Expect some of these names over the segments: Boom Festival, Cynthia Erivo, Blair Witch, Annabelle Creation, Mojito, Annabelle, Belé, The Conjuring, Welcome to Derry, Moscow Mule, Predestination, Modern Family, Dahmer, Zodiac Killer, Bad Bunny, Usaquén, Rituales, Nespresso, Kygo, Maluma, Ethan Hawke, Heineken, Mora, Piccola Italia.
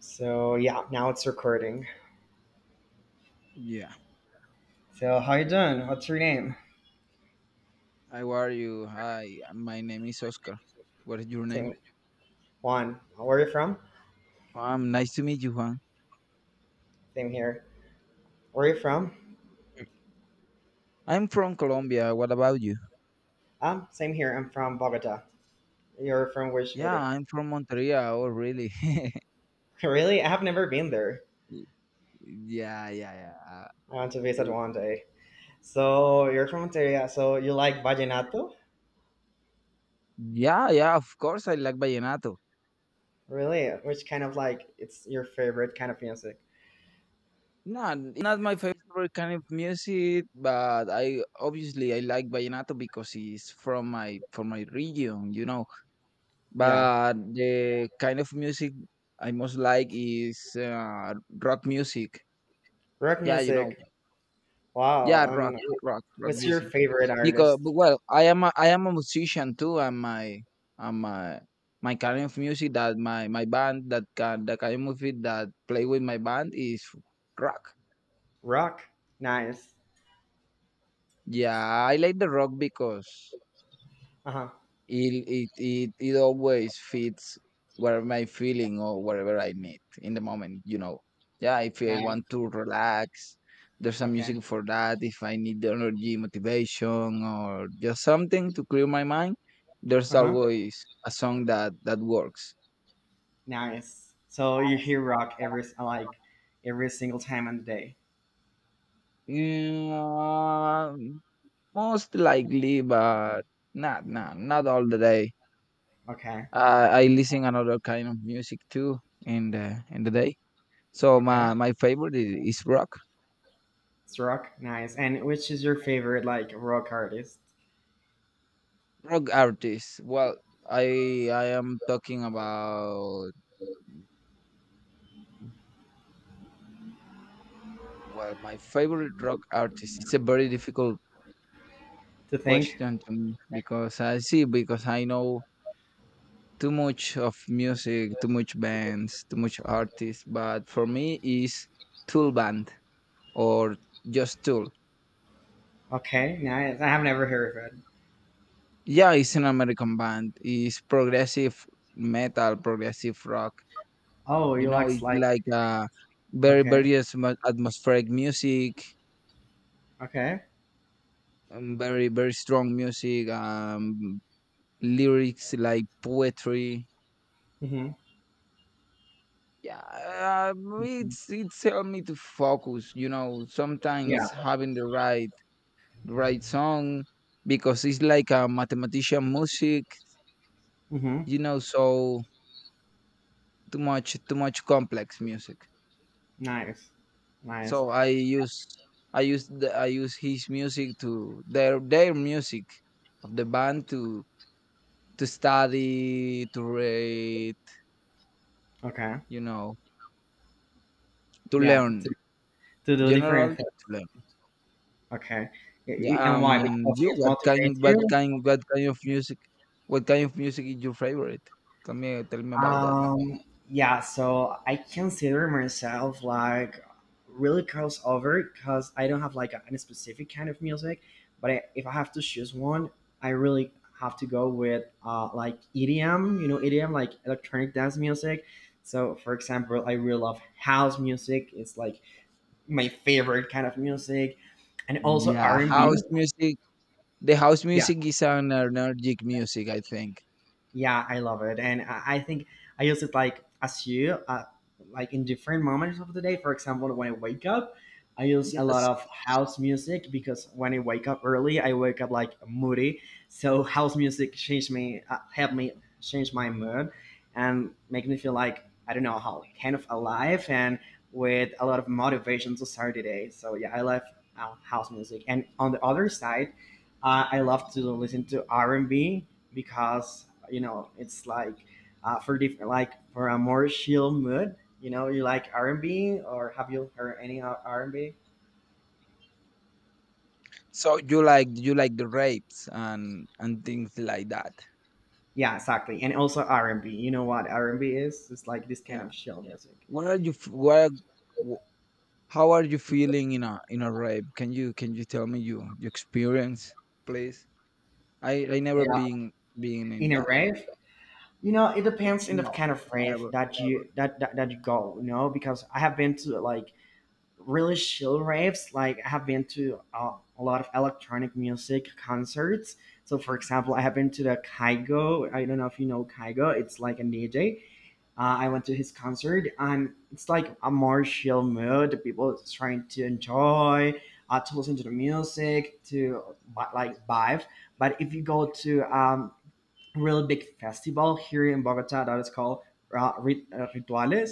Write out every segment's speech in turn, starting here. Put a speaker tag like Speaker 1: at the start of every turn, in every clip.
Speaker 1: So yeah, now it's recording.
Speaker 2: Yeah.
Speaker 1: So how you doing? What's your name?
Speaker 2: How are you? Hi, my name is Oscar. What is your name?
Speaker 1: Same. Juan. Where are you from?
Speaker 2: Nice to meet you, Juan.
Speaker 1: Same here. Where are you from?
Speaker 2: Mm. I'm from Colombia. What about you?
Speaker 1: Same here. I'm from Bogota. You're from which
Speaker 2: Yeah,
Speaker 1: city?
Speaker 2: I'm from Monteria. Oh, really?
Speaker 1: Really? I have never been there.
Speaker 2: Y- yeah.
Speaker 1: I want to visit
Speaker 2: W-
Speaker 1: one day. So you're from Monteria. So you like vallenato?
Speaker 2: yeah, yeah, of course I like vallenato.
Speaker 1: Really? Which kind of like it's your favorite kind of music?
Speaker 2: No, not my favorite kind of music, but I obviously I like vallenato because it's from my region, you know.
Speaker 1: Yeah,
Speaker 2: But the kind of music I most like is rock music.
Speaker 1: rock
Speaker 2: Yeah, you know.
Speaker 1: music.
Speaker 2: Yeah,
Speaker 1: Wow. And
Speaker 2: rock
Speaker 1: what's your
Speaker 2: music.
Speaker 1: favorite
Speaker 2: Because
Speaker 1: artist?
Speaker 2: but, well, I am a musician too, and my kind of music that my band that can the kind of music that play with my band is rock.
Speaker 1: Rock. Nice.
Speaker 2: Yeah, I like the rock because
Speaker 1: Uh huh.
Speaker 2: it always fits whatever my feeling or whatever I need in the moment, you know. Yeah, if I want
Speaker 1: Nice.
Speaker 2: to relax, there's some
Speaker 1: Okay.
Speaker 2: music for that. If I need the energy, motivation, or just something to clear my mind, there's
Speaker 1: Uh huh.
Speaker 2: always a song that works.
Speaker 1: Nice. So you hear rock every single time on the day.
Speaker 2: Yeah, most likely, but not all the day.
Speaker 1: Okay.
Speaker 2: I listen another kind of music too in the day. So
Speaker 1: Okay.
Speaker 2: my favorite is rock
Speaker 1: It's rock. Nice. And which is your favorite, like, rock artist
Speaker 2: rock artists. Well, I am talking about well my favorite rock artist. It's a very difficult
Speaker 1: to think?
Speaker 2: question to me because I see because I know too much of music, too much bands, too much artists. But for me, is Tool band or just Tool.
Speaker 1: Okay. Nice. I have never heard of it.
Speaker 2: Yeah, it's an American band. It's progressive metal, progressive rock.
Speaker 1: Oh,
Speaker 2: You
Speaker 1: you
Speaker 2: know,
Speaker 1: like
Speaker 2: it's
Speaker 1: like
Speaker 2: like very,
Speaker 1: okay.
Speaker 2: very atmospheric music,
Speaker 1: Okay.
Speaker 2: very, very strong music, lyrics like poetry.
Speaker 1: Mm-hmm.
Speaker 2: Yeah,
Speaker 1: Mm-hmm.
Speaker 2: it's helped me to focus. You know,
Speaker 1: Yeah.
Speaker 2: sometimes having the right song because it's like a mathematician music.
Speaker 1: Mm-hmm.
Speaker 2: You know, so too much complex music.
Speaker 1: Nice. Nice.
Speaker 2: So I use his music to their music of the band to study, to read,
Speaker 1: Okay.
Speaker 2: you know, to
Speaker 1: Yeah. To,
Speaker 2: learn.
Speaker 1: to do
Speaker 2: General
Speaker 1: different things.
Speaker 2: to learn.
Speaker 1: Okay.
Speaker 2: Yeah,
Speaker 1: And why? Because
Speaker 2: you
Speaker 1: it motivates you.
Speaker 2: what kind of music is your favorite? Tell me about that.
Speaker 1: Um, yeah, so I consider myself, like, really crossover, because I don't have like any specific kind of music, but if I have to choose one, I really have to go with like EDM, EDM, like electronic dance music. So, for example, I really love house music. It's like my favorite kind of music, and also R
Speaker 2: Yeah,
Speaker 1: and B.
Speaker 2: house music. The house music is an energetic music, I think.
Speaker 1: Yeah, I love it, and I think I use it like, as you, uh, like in different moments of the day. For example, when I wake up, I use a lot
Speaker 2: Yes.
Speaker 1: of house music, because when I wake up early, I wake up like moody. So house music changed me, helped me change my mood and make me feel, like, I don't know how, kind of alive and with a lot of motivation to start the day. So yeah, I love house music. And on the other side, I love to listen to r&b, because, you know, it's like, for different, like, for a more chill mood. You know, you like r&b? Or have you heard any r&b?
Speaker 2: So you like the rapes and things like that.
Speaker 1: Yeah, exactly. And also r&b. You know what r&b is, it's like this kind
Speaker 2: Yeah.
Speaker 1: of chill music.
Speaker 2: What are you? F- What? Are, wh- How are you feeling in a rape? Can you tell me your experience, please? I never
Speaker 1: Yeah.
Speaker 2: been in
Speaker 1: In a
Speaker 2: that.
Speaker 1: rave, you know, it depends in the
Speaker 2: No,
Speaker 1: kind of rave
Speaker 2: never.
Speaker 1: that you, that you go, you know, because I have been to, like, really chill raves. Like, I have been to a lot of electronic music concerts. So for example, I have been to the Kygo. I don't know if you know Kygo. It's like a DJ. I went to his concert and it's like a more chill mood. The people is trying to enjoy, to listen to the music, to, like, vibe. But if you go to real big festival here in Bogota that is called, Rituales,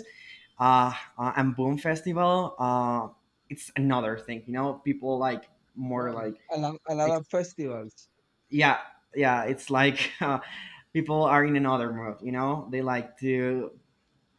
Speaker 1: uh, and Boom Festival, it's another thing. You know, people like, more
Speaker 2: Well,
Speaker 1: like,
Speaker 2: a lot of
Speaker 1: ex-
Speaker 2: festivals.
Speaker 1: yeah, yeah. It's like, people are in another mood. You know, they like to,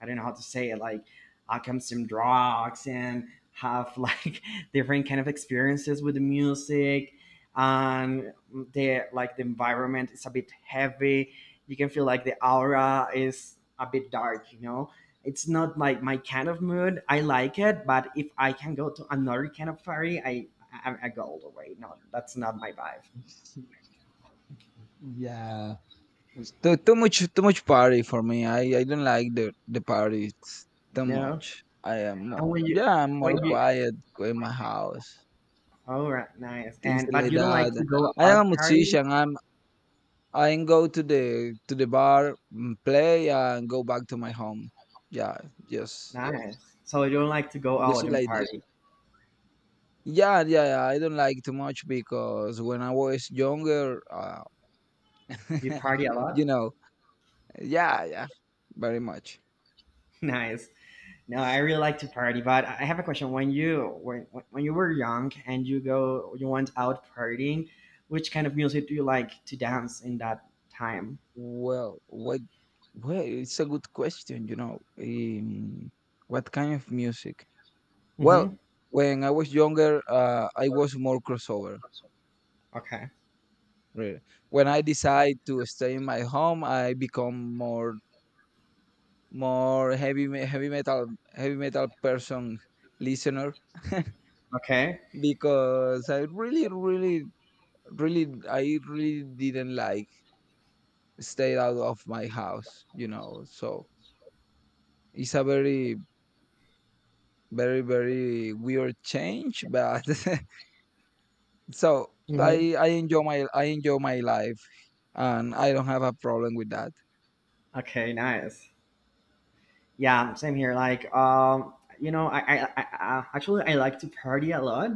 Speaker 1: I don't know how to say it, like, I come some drugs and have like, different kind of experiences with the music, and the environment is a bit heavy. You can feel like the aura is a bit dark. It's not like my kind of mood. I like it, but if I can go to another kind of party, I go all the way. No, that's not my vibe.
Speaker 2: Yeah. It's too much party for me. I don't like the parties too
Speaker 1: No.
Speaker 2: much. I am
Speaker 1: And
Speaker 2: more
Speaker 1: when you
Speaker 2: yeah I'm
Speaker 1: when
Speaker 2: more
Speaker 1: you
Speaker 2: quiet in my house
Speaker 1: all right, nice.
Speaker 2: things
Speaker 1: And but
Speaker 2: like
Speaker 1: you don't like to
Speaker 2: that.
Speaker 1: go
Speaker 2: I am
Speaker 1: out
Speaker 2: a
Speaker 1: party?
Speaker 2: musician. I go to the bar, mm, play, and go back to my home. Yeah, just
Speaker 1: Nice. So you don't like to go
Speaker 2: just
Speaker 1: out and
Speaker 2: like that.
Speaker 1: party.
Speaker 2: Yeah, I don't like too much because when I was younger,
Speaker 1: You party a
Speaker 2: you
Speaker 1: lot?
Speaker 2: know, yeah, very much.
Speaker 1: Nice. No, I really like to party, but I have a question. When you were young and you went out partying, which kind of music do you like to dance in that time?
Speaker 2: Well, what? Well, it's a good question. You know, what kind of music?
Speaker 1: Mm-hmm.
Speaker 2: Well, when I was younger, I was more crossover.
Speaker 1: Okay.
Speaker 2: Really, when I decide to stay in my home, I become more more heavy me- heavy metal heavy metal person listener.
Speaker 1: Okay.
Speaker 2: Because I really I really didn't like stay out of my house, you know. So it's a very weird change, but so
Speaker 1: Hmm.
Speaker 2: I enjoy my life and I don't have a problem with that.
Speaker 1: Okay. Nice. Yeah. Same here. Like, you know, I actually, I like to party a lot,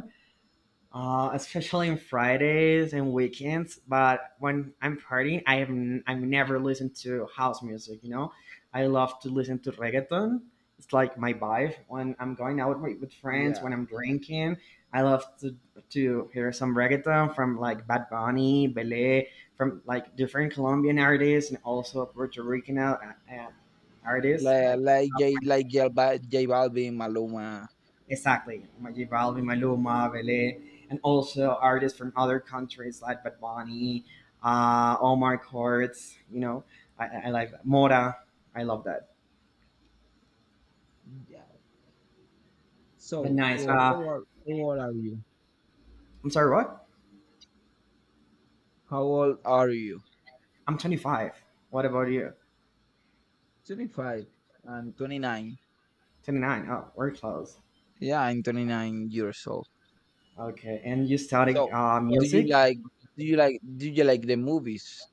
Speaker 1: especially on Fridays and weekends. But when I'm partying, I've never listened to house music. You know, I love to listen to reggaeton. It's like my vibe when I'm going out with friends.
Speaker 2: Yeah,
Speaker 1: When I'm drinking, I love to hear some reggaeton from like Bad Bunny, Belé, from like different Colombian artists and also Puerto Rican, artists
Speaker 2: like
Speaker 1: like that.
Speaker 2: like J like J, J Balvin, Maluma.
Speaker 1: Exactly. Majid Balbi, Maluma, Vele, and also artists from other countries like Bad Bunny, Omar Courts, you know, I like that. Mora. I love that.
Speaker 2: Yeah.
Speaker 1: But
Speaker 2: So,
Speaker 1: nice.
Speaker 2: well, how old are you?
Speaker 1: I'm sorry, what?
Speaker 2: How old are you?
Speaker 1: I'm 25. What about you?
Speaker 2: 25. I'm 29.
Speaker 1: 29. Oh, we're close.
Speaker 2: Yeah, I'm 29 years old.
Speaker 1: Okay. And you studied,
Speaker 2: So, do you
Speaker 1: music?
Speaker 2: like the movies,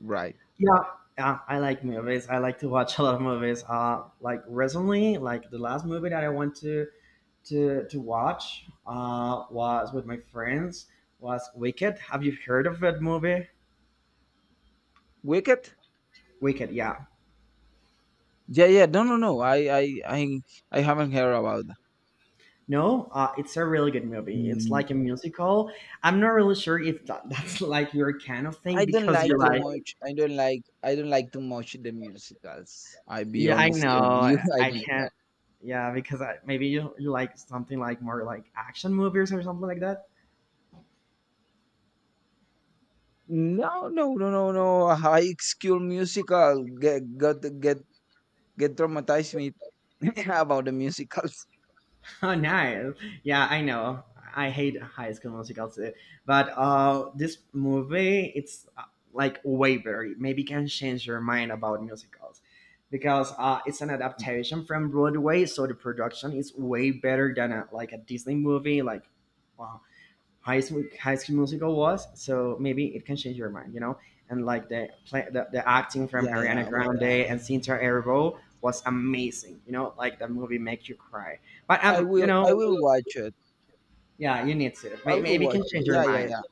Speaker 2: right?
Speaker 1: Yeah. Yeah, I like movies. I like to watch a lot of movies. Like recently, like the last movie that I went to watch, was with my friends, was Wicked. Have you heard of that movie?
Speaker 2: Wicked?
Speaker 1: Wicked, yeah.
Speaker 2: Yeah. No, I haven't heard about that.
Speaker 1: No, it's a really good movie. It's
Speaker 2: Mm,
Speaker 1: like a musical. I'm not really sure if that's like your kind of
Speaker 2: I
Speaker 1: thing,
Speaker 2: don't
Speaker 1: because you
Speaker 2: like too
Speaker 1: like,
Speaker 2: much. I don't like too much the musicals. I be
Speaker 1: yeah, I
Speaker 2: honest with
Speaker 1: know,
Speaker 2: you. I
Speaker 1: I
Speaker 2: don't
Speaker 1: can't, yeah, because maybe you like something like more like action movies or something like that.
Speaker 2: No, no, no, no, no. A High school musical get got get traumatized me about the musicals.
Speaker 1: Oh, nice. Yeah, I know. I hate High School Musical too, but this movie, it's like Waverly. Maybe can change your mind about musicals, because it's an adaptation from Broadway, so the production is way better than like a Disney movie, like, uh, High School Musical was. So maybe it can change your mind. And like the play, the acting from
Speaker 2: Yeah, yeah.
Speaker 1: Ariana Grande and Cynthia Erivo was amazing. You know, like, the movie make you cry. But
Speaker 2: I will watch it.
Speaker 1: yeah, you need to.
Speaker 2: I will
Speaker 1: Maybe it can
Speaker 2: watch it.
Speaker 1: change your
Speaker 2: Yeah, yeah,
Speaker 1: mind.
Speaker 2: yeah.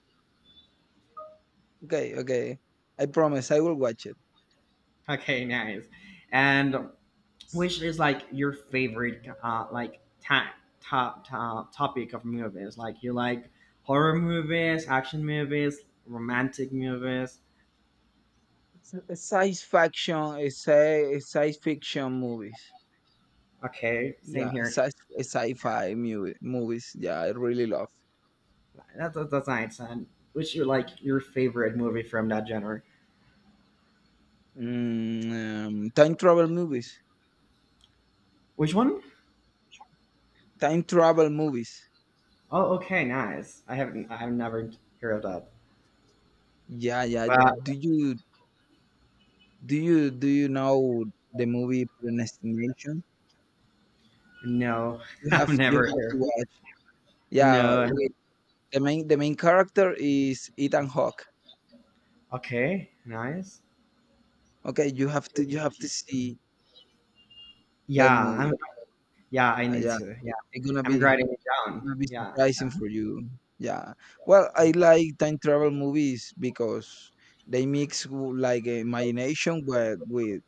Speaker 2: Okay, okay. I promise I will watch it.
Speaker 1: Okay, nice. And which is like your favorite, like, time, top topic of movies? Like, you like horror movies, action movies, romantic movies.
Speaker 2: It's a science fiction, a science fiction movies.
Speaker 1: Okay, same
Speaker 2: Yeah,
Speaker 1: here.
Speaker 2: sci-fi movie, movies. Yeah, I really love.
Speaker 1: That's nice. And which you like your favorite movie from that genre?
Speaker 2: Mm, time travel movies.
Speaker 1: Which one?
Speaker 2: Time travel movies.
Speaker 1: Oh, okay, nice. I haven't. I've never heard of that.
Speaker 2: Yeah, yeah.
Speaker 1: But
Speaker 2: Do you do you know the movie Predestination?
Speaker 1: no, I've
Speaker 2: You
Speaker 1: never
Speaker 2: have to
Speaker 1: heard.
Speaker 2: watch. Yeah,
Speaker 1: No.
Speaker 2: we the main character is Ethan Hawke.
Speaker 1: Okay, nice.
Speaker 2: Okay, you have to see that
Speaker 1: Yeah, I'm.
Speaker 2: movie.
Speaker 1: Yeah, I need
Speaker 2: Yeah,
Speaker 1: to. Yeah,
Speaker 2: it's
Speaker 1: I'm writing it down.
Speaker 2: gonna be
Speaker 1: Yeah.
Speaker 2: surprising for you. Yeah. Well, I
Speaker 1: Like,
Speaker 2: like time travel movies because like imagination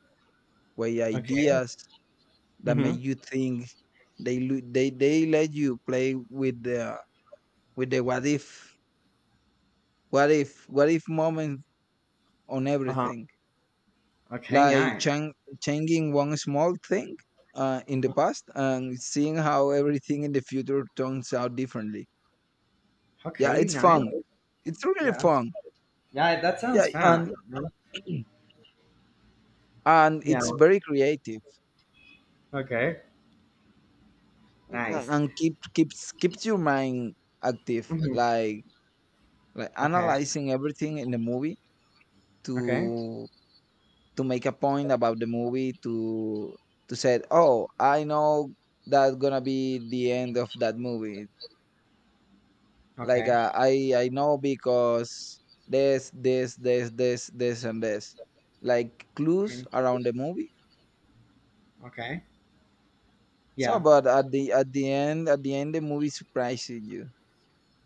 Speaker 2: with
Speaker 1: okay.
Speaker 2: ideas that make
Speaker 1: Mhm.
Speaker 2: you think. They lo- They let you play with the what if moment on
Speaker 1: Uh huh.
Speaker 2: everything.
Speaker 1: Okay,
Speaker 2: like
Speaker 1: nice.
Speaker 2: chang- Changing one small thing in the past and seeing how everything in the future turns out differently. Yeah,
Speaker 1: Okay,
Speaker 2: it's
Speaker 1: nice.
Speaker 2: fun. It's really
Speaker 1: Yeah.
Speaker 2: fun.
Speaker 1: Yeah, that
Speaker 2: Yeah,
Speaker 1: sounds
Speaker 2: and
Speaker 1: fun.
Speaker 2: and
Speaker 1: Yeah.
Speaker 2: it's very creative,
Speaker 1: Okay. Nice.
Speaker 2: and keeps your mind active.
Speaker 1: Mhm.
Speaker 2: Like
Speaker 1: Okay.
Speaker 2: analyzing everything in the movie
Speaker 1: Okay.
Speaker 2: to make a point about the movie to say, oh, I know that's gonna be the end of that movie like
Speaker 1: Okay.
Speaker 2: I know because this and this like clues
Speaker 1: Okay.
Speaker 2: around the movie
Speaker 1: Okay.
Speaker 2: so
Speaker 1: Yeah.
Speaker 2: but at the end the movie surprises you.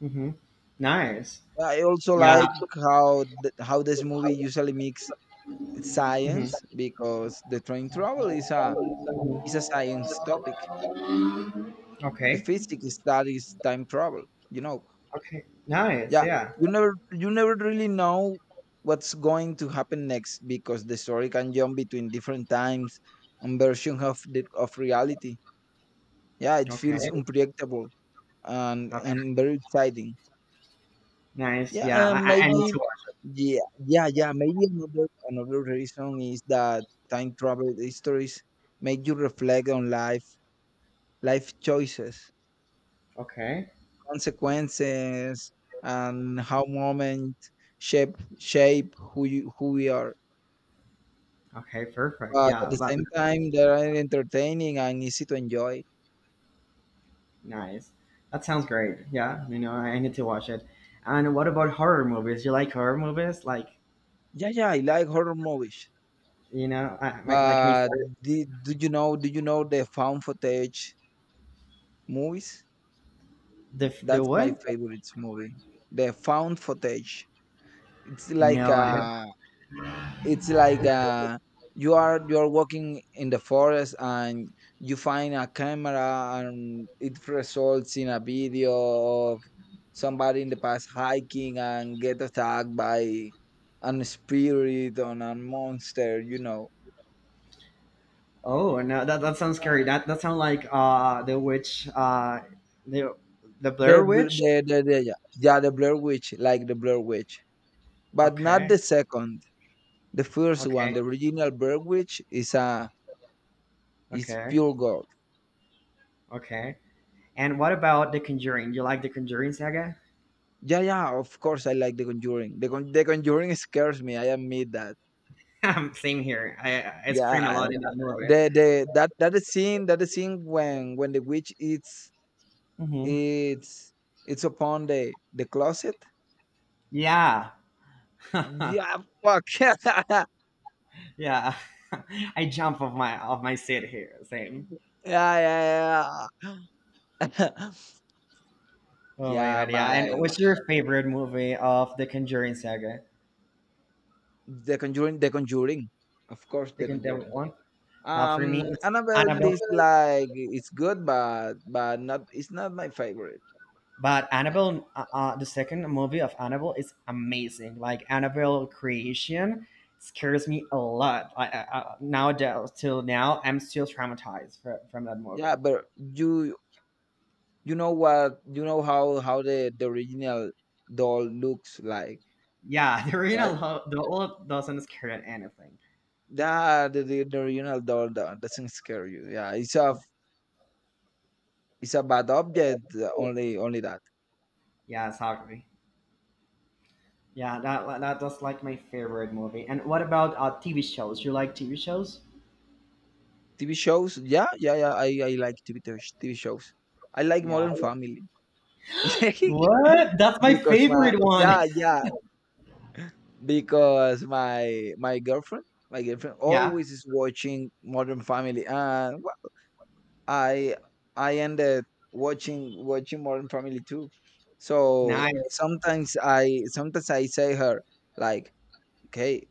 Speaker 1: Mm-hmm. Nice.
Speaker 2: I also
Speaker 1: Yeah.
Speaker 2: like how this movie usually mix
Speaker 1: Mm-hmm.
Speaker 2: science because the time travel is a science topic. The
Speaker 1: Okay.
Speaker 2: physics studies time travel, you know.
Speaker 1: Okay. Nice.
Speaker 2: Yeah,
Speaker 1: Yeah.
Speaker 2: you never really know what's going to happen next because the story can jump between different times and versions of of reality. Yeah, it feels
Speaker 1: Okay.
Speaker 2: unpredictable and
Speaker 1: Okay.
Speaker 2: very exciting.
Speaker 1: Nice.
Speaker 2: Yeah,
Speaker 1: Yeah.
Speaker 2: and
Speaker 1: I need
Speaker 2: maybe
Speaker 1: to watch.
Speaker 2: yeah yeah maybe another reason is that time travel stories make you reflect on life choices,
Speaker 1: Okay.
Speaker 2: consequences, and how moments shape who we are.
Speaker 1: Okay. Perfect.
Speaker 2: But at
Speaker 1: Yeah.
Speaker 2: the same time, they are entertaining and easy to enjoy.
Speaker 1: Nice. That sounds great. Yeah. You know, I need to watch it. And what about horror movies? You like horror movies? Like,
Speaker 2: Yeah, yeah, I like horror movies.
Speaker 1: you know, I, my, like me.
Speaker 2: But do you know? Do you know the found footage movies?
Speaker 1: The
Speaker 2: That's my
Speaker 1: what?
Speaker 2: favorite movie. The found footage. It's like
Speaker 1: No, I have.
Speaker 2: uh It's like You are walking in the forest and you find a camera and it results in a video of somebody in the past hiking and get attacked by an spirit or a monster, you know.
Speaker 1: Oh no, that sounds scary. That sounds like, the witch, the the Blair
Speaker 2: The, bl-
Speaker 1: Witch.
Speaker 2: the yeah, yeah, the Blair Witch, but not
Speaker 1: Okay.
Speaker 2: the second. The first one,
Speaker 1: Okay.
Speaker 2: the original Blair Witch, is a is
Speaker 1: Okay.
Speaker 2: pure gold.
Speaker 1: Okay. And what about The Conjuring? You like The Conjuring saga?
Speaker 2: Yeah, yeah, of course I like The Conjuring. The Conjuring scares me. I admit that.
Speaker 1: Same here. I scream a
Speaker 2: Yeah,
Speaker 1: lot in that movie.
Speaker 2: the that that is scene when the witch eats,
Speaker 1: Hmm.
Speaker 2: it's upon the closet.
Speaker 1: Yeah.
Speaker 2: Yeah, fuck.
Speaker 1: Yeah. I jump off my seat here. Same.
Speaker 2: Yeah, yeah, yeah.
Speaker 1: Oh my
Speaker 2: Yeah,
Speaker 1: god, yeah. And
Speaker 2: my
Speaker 1: what's your favorite movie of The Conjuring saga?
Speaker 2: The Conjuring, The Conjuring. Of course,
Speaker 1: The,
Speaker 2: The
Speaker 1: con- the
Speaker 2: Conjuring.
Speaker 1: one? For me, it's
Speaker 2: Annabelle
Speaker 1: Annabelle.
Speaker 2: is like it's good, but not it's not my favorite.
Speaker 1: But
Speaker 2: Yeah,
Speaker 1: Annabelle, the second movie of Annabelle is amazing. Like Annabelle creation scares me a lot. Nowadays, till now, I'm still traumatized from that movie.
Speaker 2: yeah, but you know what you know how the original doll looks like,
Speaker 1: Yeah, the original
Speaker 2: right?
Speaker 1: the old doesn't scare at anything.
Speaker 2: Yeah, the original doll doesn't scare you. Yeah, it's a bad object. Only that.
Speaker 1: Yeah, exactly. Yeah, that's like my favorite movie. And what about, TV shows? You like TV shows?
Speaker 2: TV shows, yeah, yeah, yeah. I like TV shows. I like
Speaker 1: Yeah.
Speaker 2: Modern Family
Speaker 1: What? That's my
Speaker 2: because my
Speaker 1: favorite one.
Speaker 2: yeah yeah because my girlfriend
Speaker 1: Yeah.
Speaker 2: always is watching Modern Family and well, I I ended watching Modern Family too. So
Speaker 1: Nice.
Speaker 2: sometimes I say her like okay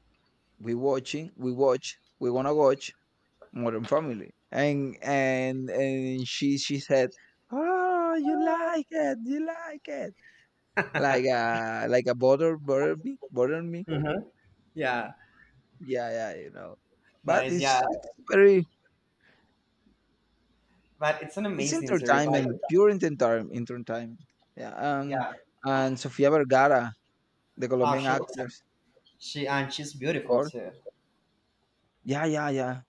Speaker 2: we wanna watch Modern Family, and she said, "Oh, you like it," like a bother me.
Speaker 1: Mhm. Yeah.
Speaker 2: Yeah, yeah, you know. But
Speaker 1: Nice. Yeah.
Speaker 2: it's very
Speaker 1: But it's an
Speaker 2: it's
Speaker 1: amazing series. Like,
Speaker 2: entertainment, pure entertainment. Yeah, and
Speaker 1: yeah.
Speaker 2: Sofia Vergara, the
Speaker 1: Oh,
Speaker 2: Colombian
Speaker 1: she looks.
Speaker 2: actress,
Speaker 1: She, and she's
Speaker 2: of
Speaker 1: beautiful
Speaker 2: course.
Speaker 1: too.
Speaker 2: Yeah, yeah, yeah.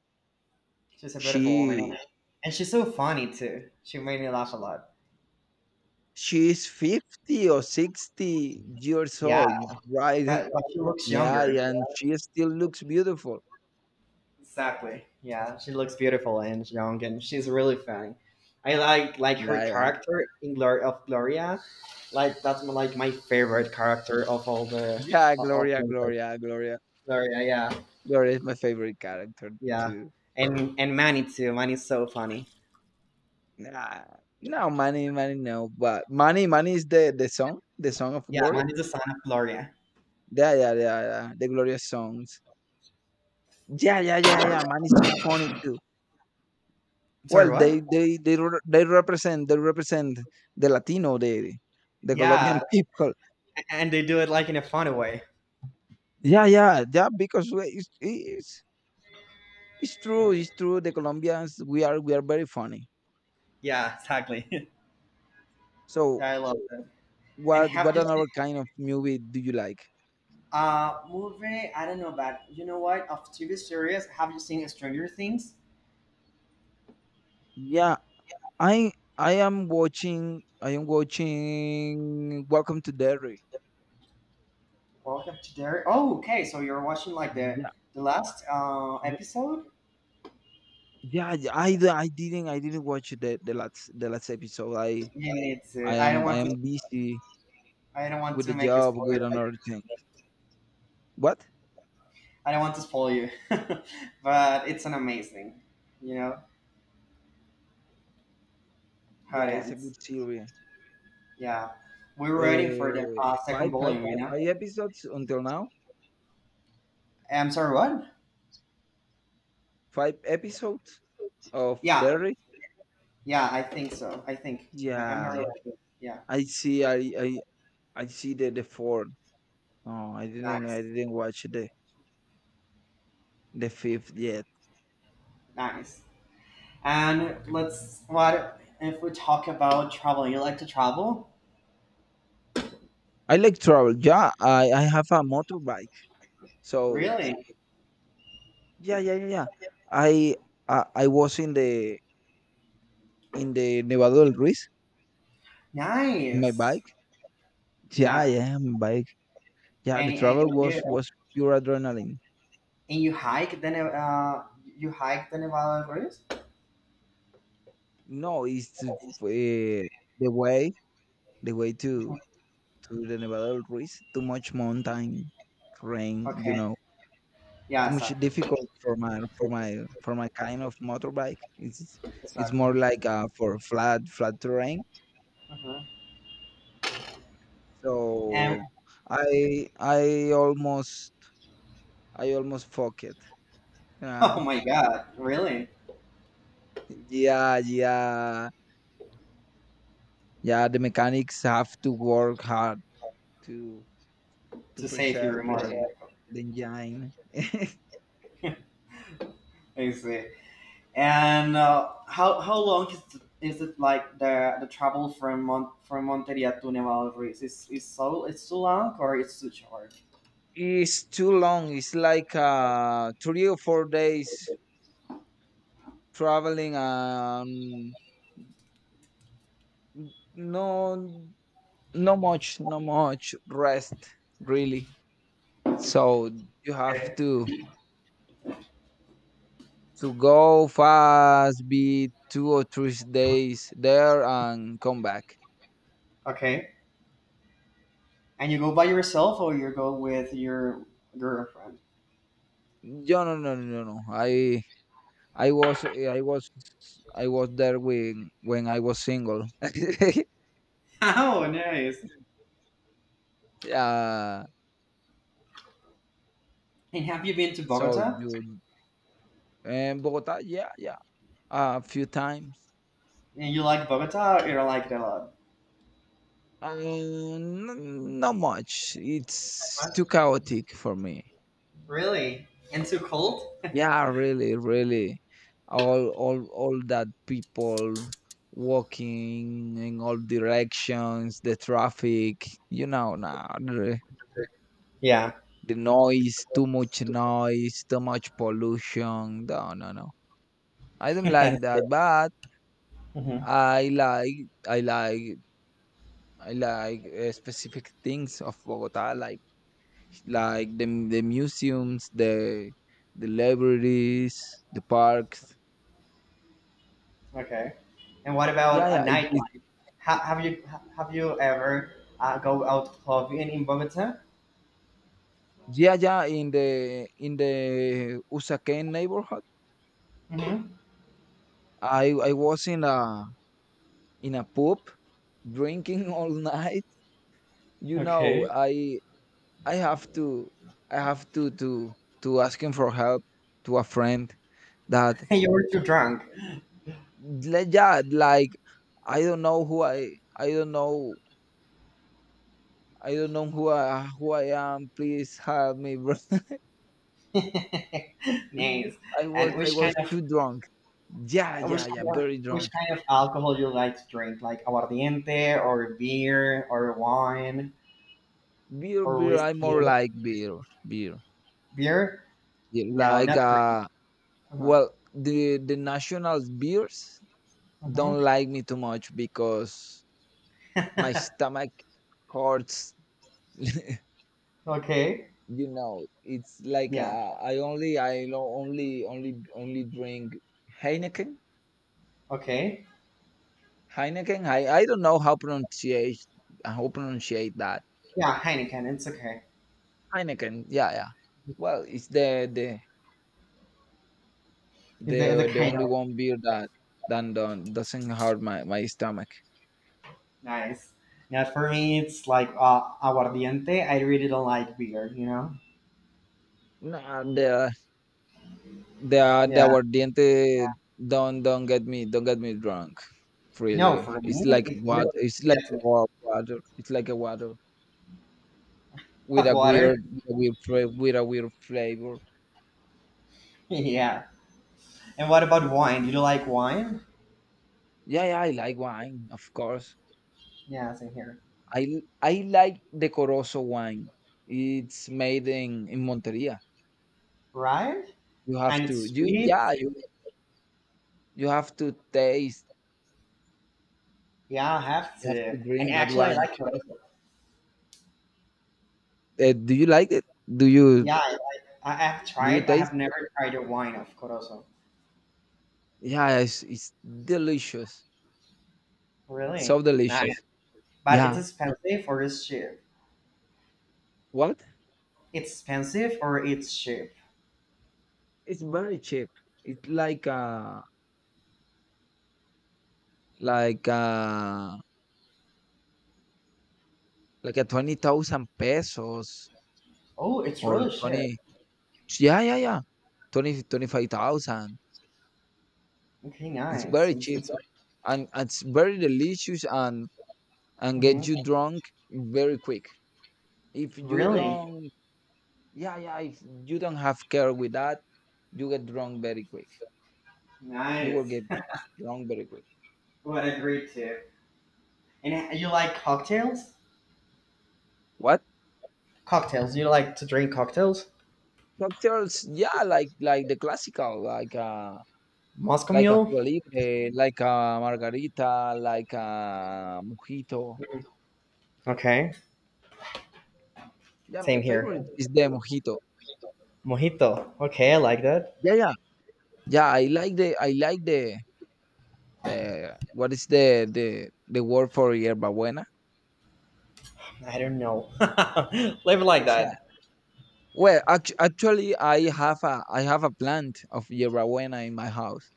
Speaker 1: She's a beautiful woman, and,
Speaker 2: She
Speaker 1: and she's so funny too. She made me laugh a lot.
Speaker 2: she is 50 or 60 years
Speaker 1: Yeah,
Speaker 2: old, right?
Speaker 1: but, but she looks
Speaker 2: Yeah,
Speaker 1: younger.
Speaker 2: and she still looks beautiful.
Speaker 1: Exactly. Yeah, she looks beautiful and young, and she's really funny. I like her
Speaker 2: Yeah, yeah.
Speaker 1: character in Glory of Gloria. Like, that's like my
Speaker 2: Mm.
Speaker 1: favorite character of all the,
Speaker 2: Yeah,
Speaker 1: of the, like,
Speaker 2: Gloria.
Speaker 1: Gloria. Yeah.
Speaker 2: Gloria is my favorite character
Speaker 1: Yeah,
Speaker 2: too.
Speaker 1: and Manny too. Manny's so funny.
Speaker 2: Nah, money, no. But money is the song, the song of
Speaker 1: Yeah,
Speaker 2: Gloria.
Speaker 1: Manny's the son of Gloria.
Speaker 2: Yeah, yeah, yeah, yeah. The Gloria songs. Yeah, yeah, yeah, yeah. Money's too funny too. Well,
Speaker 1: Sorry, what?
Speaker 2: they represent the Latino, the Colombian
Speaker 1: Yeah,
Speaker 2: people.
Speaker 1: and they do it like in a fun way.
Speaker 2: Yeah, yeah, yeah. Because it's true, The Colombians, we are very funny.
Speaker 1: Yeah, exactly. Yeah,
Speaker 2: So,
Speaker 1: I love that. And have
Speaker 2: What
Speaker 1: you seen,
Speaker 2: another kind of movie do you like?
Speaker 1: movie? I don't know, but you know what? Of TV series, have you seen Stranger Things?
Speaker 2: Yeah, I I am watching Welcome to Derry.
Speaker 1: Welcome to Derry. Oh, okay. So you're watching like the
Speaker 2: Yeah.
Speaker 1: the last,
Speaker 2: W-
Speaker 1: episode,
Speaker 2: Yeah, yeah, I didn't watch the last episode. I
Speaker 1: and it's,
Speaker 2: I
Speaker 1: I don't
Speaker 2: am I
Speaker 1: want to,
Speaker 2: am busy with the
Speaker 1: make a
Speaker 2: job
Speaker 1: spoiler.
Speaker 2: with another thing. What?
Speaker 1: I don't want to spoil you, but it's an amazing, you know how it
Speaker 2: Yeah, it's a
Speaker 1: ends.
Speaker 2: good series.
Speaker 1: Yeah, we're waiting for the,
Speaker 2: Uh,
Speaker 1: second
Speaker 2: five five
Speaker 1: volume. You know,
Speaker 2: five episodes until now.
Speaker 1: I'm sorry, what?
Speaker 2: Five episodes of
Speaker 1: Yeah,
Speaker 2: Derry.
Speaker 1: yeah, I think so. I think I'm not. Yeah.
Speaker 2: Yeah,
Speaker 1: Really sure. Yeah,
Speaker 2: I see. I see the four. Oh, I didn't
Speaker 1: nice,
Speaker 2: I didn't watch the fifth yet.
Speaker 1: nice. And let's what if we talk about travel? You like to travel?
Speaker 2: I like travel. Yeah, I have a motorbike. So
Speaker 1: Really?
Speaker 2: yeah, yeah, yeah, yeah. I I was in the Nevado del Ruiz in my
Speaker 1: Nice.
Speaker 2: bike. Yeah,
Speaker 1: Yeah.
Speaker 2: yeah, my bike. Yeah,
Speaker 1: And
Speaker 2: the
Speaker 1: and,
Speaker 2: travel
Speaker 1: and
Speaker 2: was
Speaker 1: you
Speaker 2: was pure adrenaline.
Speaker 1: and you hike the you hike the Nevada Rivers?
Speaker 2: No, it's the way the way to
Speaker 1: Mhm.
Speaker 2: to the Nevado del Ruiz. Too much mountain rain, you
Speaker 1: Okay.
Speaker 2: know.
Speaker 1: Yeah,
Speaker 2: Too much
Speaker 1: exactly.
Speaker 2: difficult for my for my kind of motorbike. It's
Speaker 1: Exactly.
Speaker 2: more like for flat terrain.
Speaker 1: Mhm. And
Speaker 2: So I almost I almost fuck it.
Speaker 1: oh
Speaker 2: Uh,
Speaker 1: my God, really?
Speaker 2: yeah, yeah, yeah. The mechanics have to work hard to to
Speaker 1: To save your
Speaker 2: preserve
Speaker 1: remote.
Speaker 2: the engine.
Speaker 1: I see. And how long is it like the travel from from Monteria to Nevalruiz? Is so it's too long or it's too short?
Speaker 2: It's too long. It's like 3 or 4 days traveling, and no no much no much rest, really, so you have
Speaker 1: Okay.
Speaker 2: to go fast, be 2 or 3 days there, and come back.
Speaker 1: Okay. And you go by yourself or you go with your girlfriend?
Speaker 2: No, no, no, no, no, i was i was I was there when I was single.
Speaker 1: Oh, nice.
Speaker 2: Yeah.
Speaker 1: And have you been to
Speaker 2: So
Speaker 1: Bogota?
Speaker 2: you — and Bogota, yeah, yeah, a few times.
Speaker 1: And you like Bogota or you like it a lot?
Speaker 2: Not much. It's too
Speaker 1: What?
Speaker 2: chaotic for me.
Speaker 1: Really? And too cold?
Speaker 2: Yeah, really, really. All that people walking in all directions, the traffic, now
Speaker 1: Yeah.
Speaker 2: the noise, too much pollution. No, no, no. I don't
Speaker 1: Mhm.
Speaker 2: like that, but I like I like specific things of Bogota, like the museums, the libraries, the parks.
Speaker 1: Okay. And what about
Speaker 2: Yeah,
Speaker 1: a
Speaker 2: yeah, it.
Speaker 1: nightlife? Have you ever go out clubbing in Bogota?
Speaker 2: Yeah, yeah, in the Usaquén neighborhood.
Speaker 1: Hmm.
Speaker 2: I was in a pub drinking all night. You know,
Speaker 1: Okay.
Speaker 2: I I have to I have to to asking for help to a friend that
Speaker 1: You were too drunk.
Speaker 2: yeah, like, I don't know who I — I don't know, I don't know who I, who I am. Please help me, bro.
Speaker 1: Nice.
Speaker 2: I was
Speaker 1: And
Speaker 2: I
Speaker 1: which
Speaker 2: was
Speaker 1: kind of
Speaker 2: too drunk. Yeah,
Speaker 1: uh, which
Speaker 2: yeah, yeah,
Speaker 1: kind of
Speaker 2: very
Speaker 1: which
Speaker 2: drunk.
Speaker 1: kind of alcohol you like to drink? Like aguardiente or beer or wine
Speaker 2: Beer,
Speaker 1: or
Speaker 2: beer. I
Speaker 1: whiskey?
Speaker 2: more like beer, beer.
Speaker 1: Beer?
Speaker 2: Yeah,
Speaker 1: No,
Speaker 2: like
Speaker 1: not for me.
Speaker 2: well, the national beers
Speaker 1: Uh-huh.
Speaker 2: don't like me too much because my
Speaker 1: Mhm.
Speaker 2: stomach hurts.
Speaker 1: Okay.
Speaker 2: It's like
Speaker 1: Yeah.
Speaker 2: I only drink Heineken.
Speaker 1: Okay.
Speaker 2: Heineken. I don't know how pronunciate that.
Speaker 1: Yeah, Heineken. It's okay.
Speaker 2: Heineken. Yeah, yeah. Well, it's the
Speaker 1: It's a
Speaker 2: they — they
Speaker 1: kind.
Speaker 2: only one beer that than the doesn't hurt my, my stomach.
Speaker 1: Nice. Now for me, it's like aguardiente. I really don't like beer, you know?
Speaker 2: Nah, the
Speaker 1: Yeah.
Speaker 2: aguardiente don't — don't get me drunk.
Speaker 1: No,
Speaker 2: Really,
Speaker 1: for me,
Speaker 2: it's like
Speaker 1: it
Speaker 2: water.
Speaker 1: really
Speaker 2: It's like
Speaker 1: gets me.
Speaker 2: water. It's like a water with
Speaker 1: Have
Speaker 2: a
Speaker 1: water.
Speaker 2: weird, with a weird flavor.
Speaker 1: Yeah. And what about wine? You don't like wine?
Speaker 2: Yeah, yeah, I like wine, of course.
Speaker 1: Yeah, same here.
Speaker 2: I like the Corozo wine. It's made in Monteria.
Speaker 1: Right?
Speaker 2: You have
Speaker 1: And
Speaker 2: to —
Speaker 1: it's
Speaker 2: you, yeah,
Speaker 1: sweet.
Speaker 2: you have to taste.
Speaker 1: Yeah, I have
Speaker 2: You have
Speaker 1: to.
Speaker 2: to
Speaker 1: And
Speaker 2: drink that
Speaker 1: actually, I
Speaker 2: wine.
Speaker 1: like Corozo.
Speaker 2: Do you like it?
Speaker 1: Yeah, I have
Speaker 2: Do you
Speaker 1: tried, but I have
Speaker 2: taste?
Speaker 1: never tried the wine of Corozo.
Speaker 2: Yeah, it's delicious. So
Speaker 1: Really? Nice.
Speaker 2: delicious.
Speaker 1: But it's
Speaker 2: Yeah.
Speaker 1: expensive or it's cheap?
Speaker 2: What?
Speaker 1: It's expensive or it's cheap?
Speaker 2: It's very cheap. It's like like uh like a 20,000 pesos
Speaker 1: Oh, it's
Speaker 2: or
Speaker 1: really cheap.
Speaker 2: 20. Yeah, yeah, yeah. Twenty five thousand.
Speaker 1: Okay,
Speaker 2: It's
Speaker 1: nice.
Speaker 2: very cheap,
Speaker 1: It's like.
Speaker 2: and it's very delicious, and get
Speaker 1: Hmm.
Speaker 2: you drunk very quick. If you
Speaker 1: Really?
Speaker 2: don't — yeah, yeah, if you don't have care with that, you get drunk very quick. You will
Speaker 1: Nice.
Speaker 2: get wrong very quick.
Speaker 1: What a great tip. And you like cocktails?
Speaker 2: What?
Speaker 1: Cocktails. You like to drink cocktails?
Speaker 2: Cocktails? Yeah, like the classical,
Speaker 1: Moscow
Speaker 2: like a
Speaker 1: Mule?
Speaker 2: Cuba Libre, like a margarita, like a mojito.
Speaker 1: Mhm. Okay.
Speaker 2: Yeah, my
Speaker 1: Same here.
Speaker 2: favorite is the mojito.
Speaker 1: Mojito. Okay, I like that.
Speaker 2: Yeah, yeah, yeah. I like the — what is the — the word for yerba buena?
Speaker 1: I don't know. Live like
Speaker 2: Yeah.
Speaker 1: that.
Speaker 2: Well, actually, I have a plant of yerba buena in my house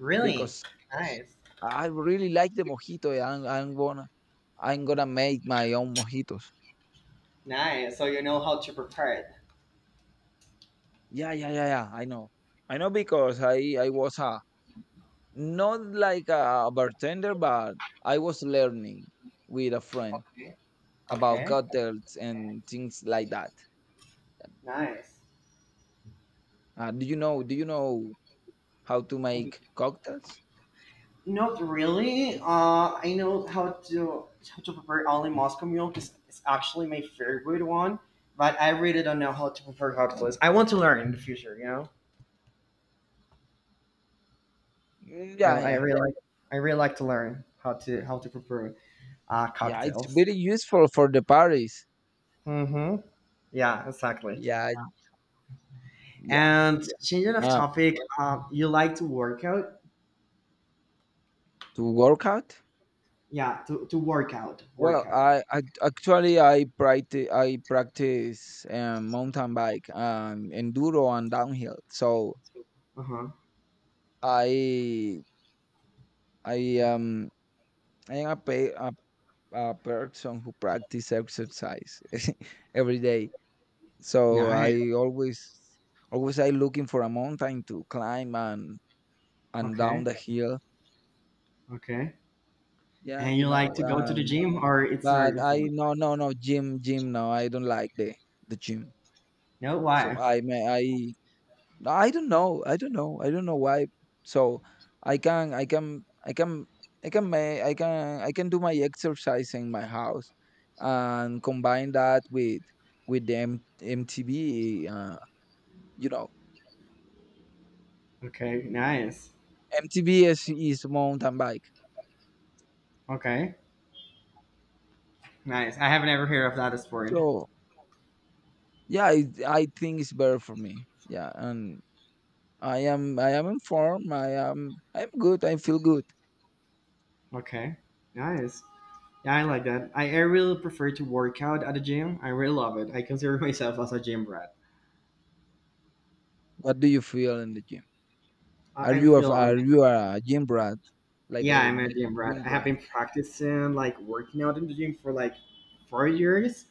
Speaker 1: Really?
Speaker 2: because
Speaker 1: Nice.
Speaker 2: I really like the mojito, and I'm gonna make my own mojitos.
Speaker 1: Nice. So you know how to prepare it.
Speaker 2: Yeah, yeah, yeah, yeah. I know. I know because I was a — not like a bartender, but I was learning with a friend
Speaker 1: Okay.
Speaker 2: about
Speaker 1: Okay.
Speaker 2: cocktails and things like that.
Speaker 1: Nice.
Speaker 2: Do you know? Do you know how to make cocktails?
Speaker 1: Not really. I know how to prepare only Moscow Mule because it's actually my favorite one. But I really don't know how to prepare hot fuzz. I want to learn in the future. You know,
Speaker 2: Mm,
Speaker 1: I,
Speaker 2: yeah,
Speaker 1: I
Speaker 2: yeah,
Speaker 1: really like I really like to learn how to prepare
Speaker 2: yeah. It's
Speaker 1: cocktails.
Speaker 2: very useful for the parties.
Speaker 1: Mm-hmm. Yeah, exactly.
Speaker 2: Yeah, yeah.
Speaker 1: And changing of
Speaker 2: Uh,
Speaker 1: topic, you like to work out?
Speaker 2: to work out.
Speaker 1: Yeah, to
Speaker 2: Well,
Speaker 1: work out.
Speaker 2: I actually I practice mountain bike, enduro and downhill. So
Speaker 1: Uh huh.
Speaker 2: I I I am a, a person who practice exercise every day. So
Speaker 1: Nice.
Speaker 2: I always, always I looking for a mountain to climb and down
Speaker 1: Okay.
Speaker 2: the hill.
Speaker 1: Okay.
Speaker 2: Yeah,
Speaker 1: And
Speaker 2: you
Speaker 1: you like
Speaker 2: know.
Speaker 1: to go to the gym, or it's not
Speaker 2: But
Speaker 1: your
Speaker 2: I —
Speaker 1: thing?
Speaker 2: no, no, no gym, gym, no, I don't like the gym.
Speaker 1: No,
Speaker 2: So
Speaker 1: why?
Speaker 2: I — may I don't know. I don't know. I don't know why. So I can I can make — I can do my exercise in my house and combine that with the MTB, you know
Speaker 1: Okay, nice.
Speaker 2: MTB is mountain bike.
Speaker 1: Okay, nice. I haven't ever heard of that sport.
Speaker 2: So yeah, I think it's better for me. Yeah, and I am informed. I'm good. I feel good.
Speaker 1: Okay, nice. Yeah, I like that. I really prefer to work out at the gym. I really love it. I consider myself as a gym brat.
Speaker 2: What do you feel in the gym? Are
Speaker 1: I, I
Speaker 2: you a —
Speaker 1: feel I'm,
Speaker 2: are you a gym brat, like
Speaker 1: yeah,
Speaker 2: a
Speaker 1: I'm a gym brat.
Speaker 2: gym
Speaker 1: I have
Speaker 2: brat?
Speaker 1: been practicing like working out in the gym for like 4 years,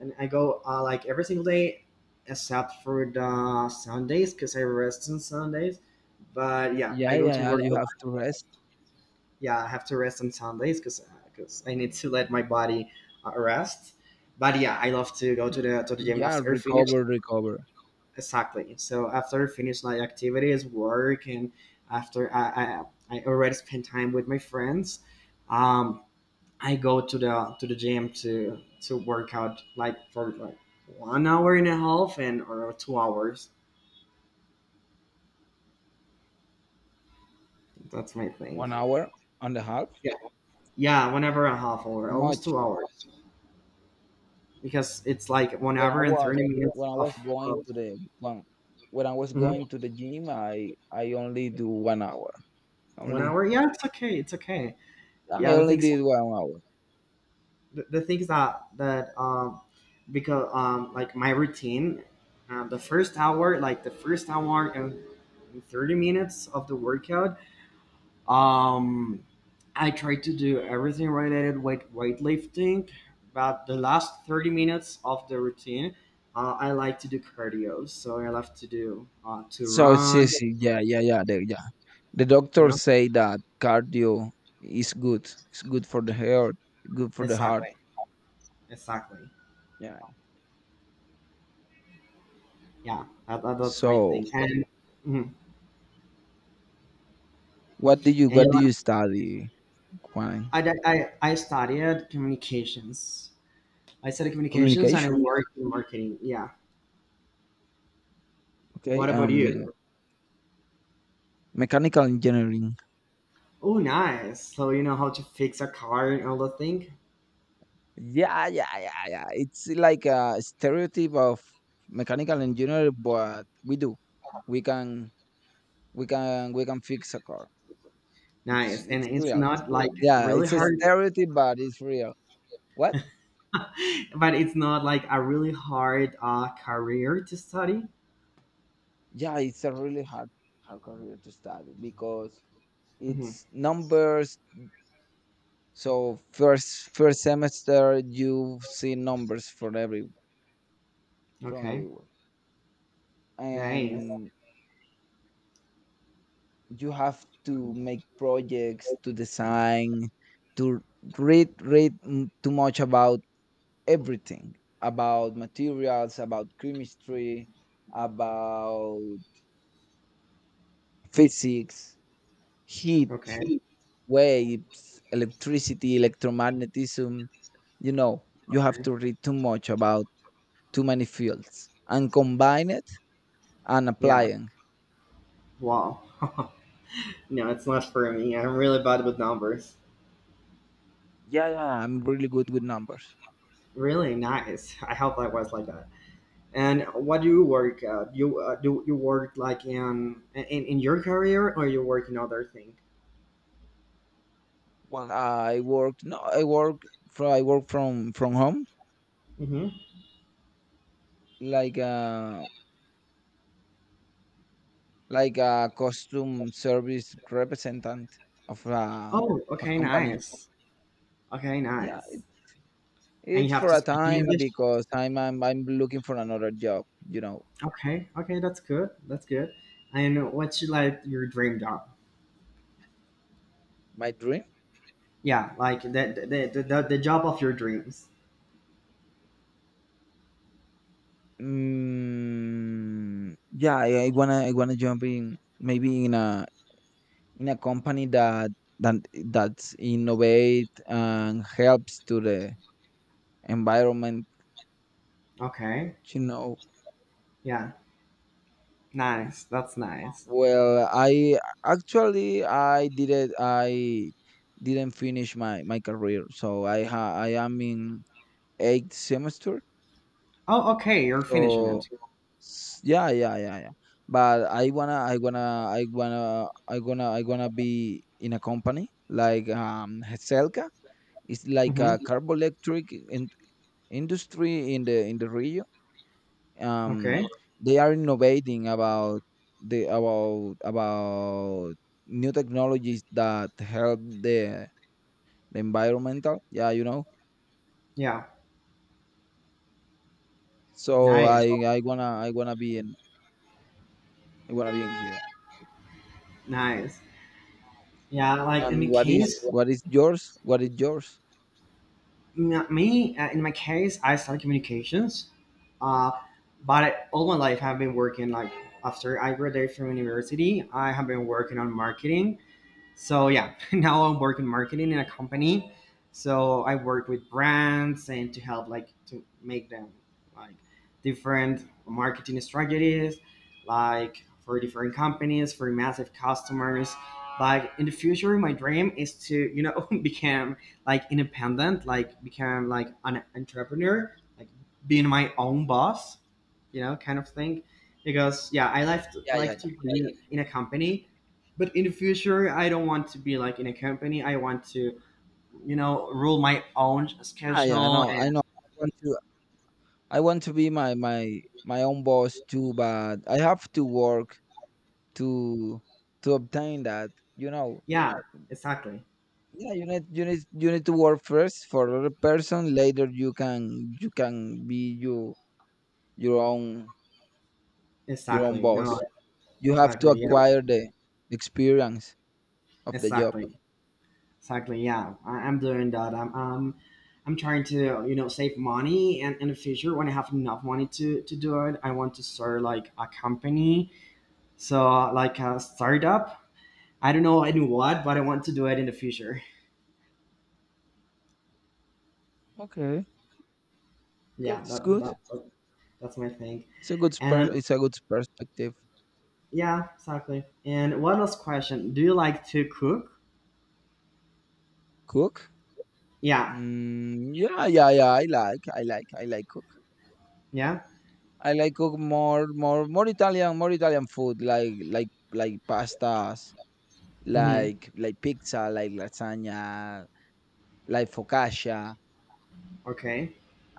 Speaker 1: and I go like every single day except for the Sundays because I rest on Sundays. But yeah, I
Speaker 2: Yeah,
Speaker 1: go
Speaker 2: yeah,
Speaker 1: to
Speaker 2: yeah.
Speaker 1: work.
Speaker 2: You have to rest.
Speaker 1: Yeah, I have to rest on Sundays because I need to let my body rest. But yeah, I love to go to
Speaker 2: Mm,
Speaker 1: the gym
Speaker 2: yeah,
Speaker 1: after I finish.
Speaker 2: recover, recover.
Speaker 1: Exactly. So after I finish my activities, work, and after I already spend time with my friends, um, I go to the gym to work out like for like 1 hour and a half and or 2 hours. That's my thing.
Speaker 2: 1 hour and a half.
Speaker 1: Yeah, yeah, 1 hour and a half or
Speaker 2: Too
Speaker 1: almost
Speaker 2: much.
Speaker 1: 2 hours, because it's like one
Speaker 2: When I
Speaker 1: hour and
Speaker 2: was
Speaker 1: 30 minutes
Speaker 2: when I
Speaker 1: of,
Speaker 2: was going
Speaker 1: of.
Speaker 2: to the — when, I was
Speaker 1: Mhm.
Speaker 2: going to the gym, I only do 1 hour.
Speaker 1: one
Speaker 2: Only
Speaker 1: hour yeah, it's okay, it's okay.
Speaker 2: I
Speaker 1: Yeah, the
Speaker 2: only
Speaker 1: things,
Speaker 2: did 1 hour.
Speaker 1: the things that because like my routine, the first hour like the first hour and 30 minutes of the workout, um, I try to do everything related with weightlifting, but the last 30 minutes of the routine, I like to do cardio, so I love to do to
Speaker 2: So it's
Speaker 1: run
Speaker 2: easy. Yeah, yeah, yeah. The, yeah. The
Speaker 1: you
Speaker 2: doctors
Speaker 1: know.
Speaker 2: say that cardio is good. It's good for the heart. Good for the heart.
Speaker 1: Exactly. Exactly.
Speaker 2: Yeah.
Speaker 1: Yeah, that's my
Speaker 2: So
Speaker 1: thing. And mhm.
Speaker 2: what do you —
Speaker 1: And you
Speaker 2: what do
Speaker 1: know,
Speaker 2: you study, Juan?
Speaker 1: I studied communications. I studied communications and I
Speaker 2: Communication.
Speaker 1: worked in marketing. Yeah. What
Speaker 2: Okay.
Speaker 1: about you?
Speaker 2: Mechanical engineering.
Speaker 1: Oh, nice. So you know how to fix a car and all the thing.
Speaker 2: Yeah, yeah, yeah, yeah. It's like a stereotype of mechanical engineer, but we do. We can, we can, we can fix a car. It's
Speaker 1: Nice. And
Speaker 2: it's
Speaker 1: it's
Speaker 2: real.
Speaker 1: not like
Speaker 2: Yeah,
Speaker 1: really
Speaker 2: it's a
Speaker 1: hard,
Speaker 2: stereotype, but it's real. What?
Speaker 1: but it's not like a really hard career to study.
Speaker 2: Yeah, it's a really hard career to study because
Speaker 1: Hmm.
Speaker 2: it's numbers. So first semester, you see numbers for every, from
Speaker 1: Okay.
Speaker 2: everywhere,
Speaker 1: Nice.
Speaker 2: and you have to make projects, to design, to read too much about everything, about materials, about chemistry, about physics, heat,
Speaker 1: Okay.
Speaker 2: waves, electricity, electromagnetism. You have to read too much about too many fields and combine it and
Speaker 1: Yeah.
Speaker 2: applying.
Speaker 1: Wow. No, it's not for me. I'm really bad with numbers.
Speaker 2: Yeah, yeah, I'm really good with numbers.
Speaker 1: Really nice. I hope I was like that. And what do you work at? You do you work like in, in your career or you work in other thing?
Speaker 2: Well, I work. No, I work. From, I work from home,
Speaker 1: Hmm.
Speaker 2: like a like a costume service representative of a of
Speaker 1: Oh,
Speaker 2: a
Speaker 1: okay,
Speaker 2: company.
Speaker 1: nice. Okay,
Speaker 2: Yeah,
Speaker 1: nice. And
Speaker 2: it's
Speaker 1: you have
Speaker 2: for
Speaker 1: to
Speaker 2: a
Speaker 1: speak in
Speaker 2: time
Speaker 1: English.
Speaker 2: because I'm looking for another job.
Speaker 1: Okay, okay, that's good. That's good. And what's your, like your dream job?
Speaker 2: My dream.
Speaker 1: Yeah, like the job of your dreams.
Speaker 2: Mm, yeah, I wanna jump in, maybe in a company that that that's innovate and helps to the environment.
Speaker 1: Okay.
Speaker 2: You know
Speaker 1: Yeah. Nice. That's nice.
Speaker 2: Well, I actually I didn't finish my career, so I — ha I am in eighth semester.
Speaker 1: Oh, okay. You're finishing
Speaker 2: So
Speaker 1: it.
Speaker 2: yeah, yeah, yeah, yeah. But I wanna I gonna be in a company like Heselca. It's like a
Speaker 1: Hmm.
Speaker 2: carboelectric in — industry in the region. um
Speaker 1: Okay.
Speaker 2: they are innovating about the, about new technologies that help the environmental, yeah,
Speaker 1: Yeah.
Speaker 2: so i
Speaker 1: Nice.
Speaker 2: i wanna I wanna be in — I wanna be in here.
Speaker 1: Nice. Yeah. Like in my
Speaker 2: And what is —
Speaker 1: case,
Speaker 2: what is yours, what is yours?
Speaker 1: n- me in my case, I study communications. Uh, but all my life I've been working. Like after I graduated from university, I have been working on marketing. So yeah, now I'm working marketing in a company. So I work with brands and to help like to make them like different marketing strategies, like for different companies, for massive customers. Like in the future, my dream is to you know become like independent, like become like an entrepreneur, like being my own boss, you know, kind of thing. Because yeah, I
Speaker 2: Yeah, yeah,
Speaker 1: like to be in a company, but in the future I don't want to be like in a company. I want to you know rule my own
Speaker 2: yeah. Yeah, yeah, I
Speaker 1: schedule
Speaker 2: know,
Speaker 1: and
Speaker 2: I know, I want to be my my own boss too, but I have to work to obtain that you know
Speaker 1: yeah, exactly,
Speaker 2: Yeah, you need, you need — you need to work first for other person. Later, you can, you can be — you, your own, your own
Speaker 1: exactly, no,
Speaker 2: boss. You have to
Speaker 1: exactly, yeah,
Speaker 2: acquire the experience of the job.
Speaker 1: exactly, exactly, yeah. I'm doing that. I'm trying to you know save money, and in the future when I have enough money to do it, I want to start like a company, so like a startup. I don't know in what, but I want to do it in the future.
Speaker 2: Okay, okay,
Speaker 1: Yeah,
Speaker 2: it's good.
Speaker 1: that's my thing.
Speaker 2: It's a good
Speaker 1: And
Speaker 2: It's a good perspective.
Speaker 1: yeah, exactly. And one last question. Do you like to cook?
Speaker 2: Cook.
Speaker 1: Yeah,
Speaker 2: Mm, yeah, yeah, yeah. I like, I like, I like cook.
Speaker 1: yeah.
Speaker 2: I like cook more Italian food, like, like pastas,
Speaker 1: Mm-hmm.
Speaker 2: like pizza, like lasagna, like focaccia.
Speaker 1: Okay.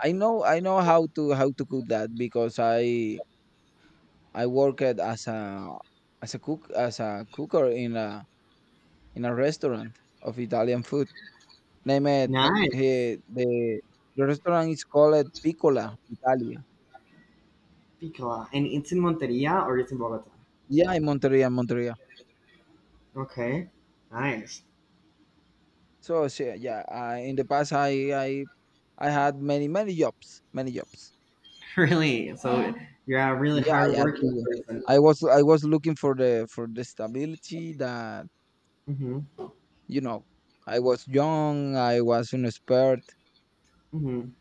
Speaker 2: I know, I know how to cook that because I worked as a cook, as a cooker in a restaurant of Italian food. Name it — he,
Speaker 1: Nice.
Speaker 2: the restaurant is called Piccola Italia.
Speaker 1: Picola. And it's in Monteria or it's in Bogota?
Speaker 2: Yeah, in Monteria, Monteria.
Speaker 1: Okay. Nice.
Speaker 2: So, so yeah, I, in the past I had many jobs, many jobs.
Speaker 1: Really? So you're a really
Speaker 2: Yeah, I had
Speaker 1: hardworking
Speaker 2: to,
Speaker 1: person.
Speaker 2: I was looking for the stability that
Speaker 1: Mm-hmm.
Speaker 2: you know I was young, I was inexpert.
Speaker 1: Mm-hmm.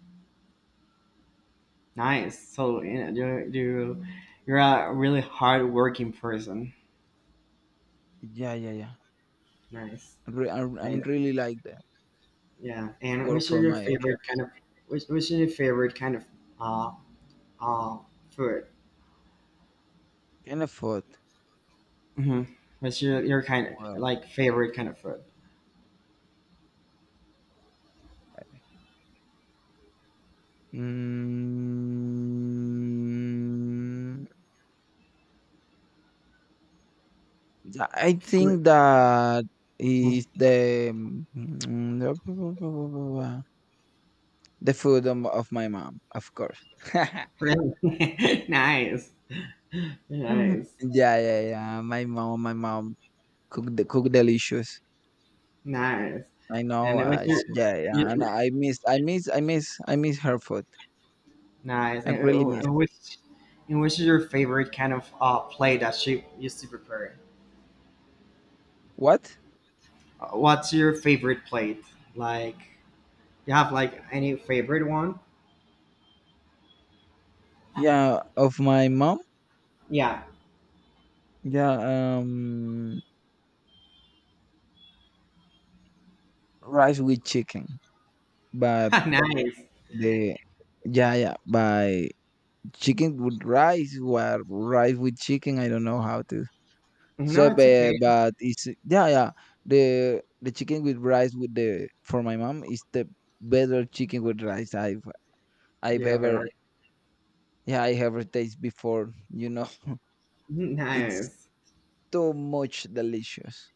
Speaker 1: Nice. So yeah, you you're a really hardworking person.
Speaker 2: Yeah, yeah, yeah.
Speaker 1: Nice.
Speaker 2: I'm
Speaker 1: Nice.
Speaker 2: really like that.
Speaker 1: Yeah. And
Speaker 2: Work
Speaker 1: which are
Speaker 2: for
Speaker 1: your
Speaker 2: my
Speaker 1: favorite kind of which is your favorite kind of uh uh food?
Speaker 2: kind of food.
Speaker 1: Hmm. What's your kind of
Speaker 2: Wow.
Speaker 1: like favorite kind of food?
Speaker 2: Mm, yeah, I
Speaker 1: Fruit.
Speaker 2: think that
Speaker 1: Mhm.
Speaker 2: is the mm, the food of my mom, of course.
Speaker 1: Really nice,
Speaker 2: Mm.
Speaker 1: nice,
Speaker 2: Yeah, yeah, yeah. My mom cook the cook delicious.
Speaker 1: nice.
Speaker 2: I know.
Speaker 1: And it was
Speaker 2: It's, yeah, yeah.
Speaker 1: your
Speaker 2: And I miss, I miss, I miss, I miss her food.
Speaker 1: nice.
Speaker 2: I really miss.
Speaker 1: And which is your favorite kind of plate that she used to prepare?
Speaker 2: What?
Speaker 1: What's your favorite plate? Like you have like any favorite one?
Speaker 2: Yeah, of my mom.
Speaker 1: Yeah,
Speaker 2: Yeah, rice with chicken, but
Speaker 1: nice.
Speaker 2: the — yeah, yeah, by chicken with rice, or rice with chicken. I don't know how to
Speaker 1: No,
Speaker 2: say,
Speaker 1: it's okay.
Speaker 2: but it's — yeah, yeah. The chicken with rice, with the, for my mom, is the better chicken with rice I've
Speaker 1: You have
Speaker 2: ever —
Speaker 1: ever
Speaker 2: yeah, I ever tasted before. It's
Speaker 1: nice,
Speaker 2: so much delicious.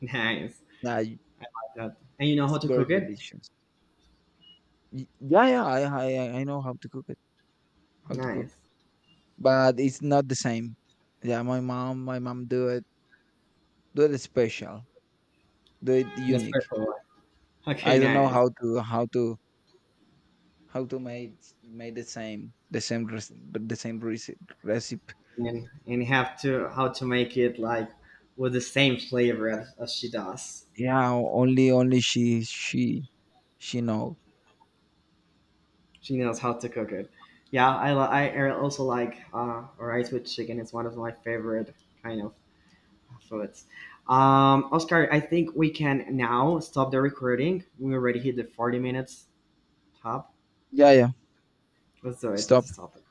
Speaker 1: nice.
Speaker 2: Yeah, it's
Speaker 1: That- and you know how to
Speaker 2: very
Speaker 1: cook it?
Speaker 2: delicious. Y yeah, yeah, I know how to cook it, how to cook,
Speaker 1: Nice.
Speaker 2: but it's not the same. Yeah, my mom do it special, do it unique.
Speaker 1: Nespresso one. Okay,
Speaker 2: I don't know
Speaker 1: nice.
Speaker 2: how to how to make the same, the same recipe, recipe.
Speaker 1: And have to how to make it like with the same flavor as she does.
Speaker 2: Yeah, only only she she know.
Speaker 1: She knows how to cook it. Yeah, I li- I also like rice with chicken. It's one of my favorite kind of foods. Oscar, I think we can now stop the recording. We already hit the 40 minutes top.
Speaker 2: Yeah, yeah.
Speaker 1: Let's do it. Let's
Speaker 2: Stop.
Speaker 1: stop it.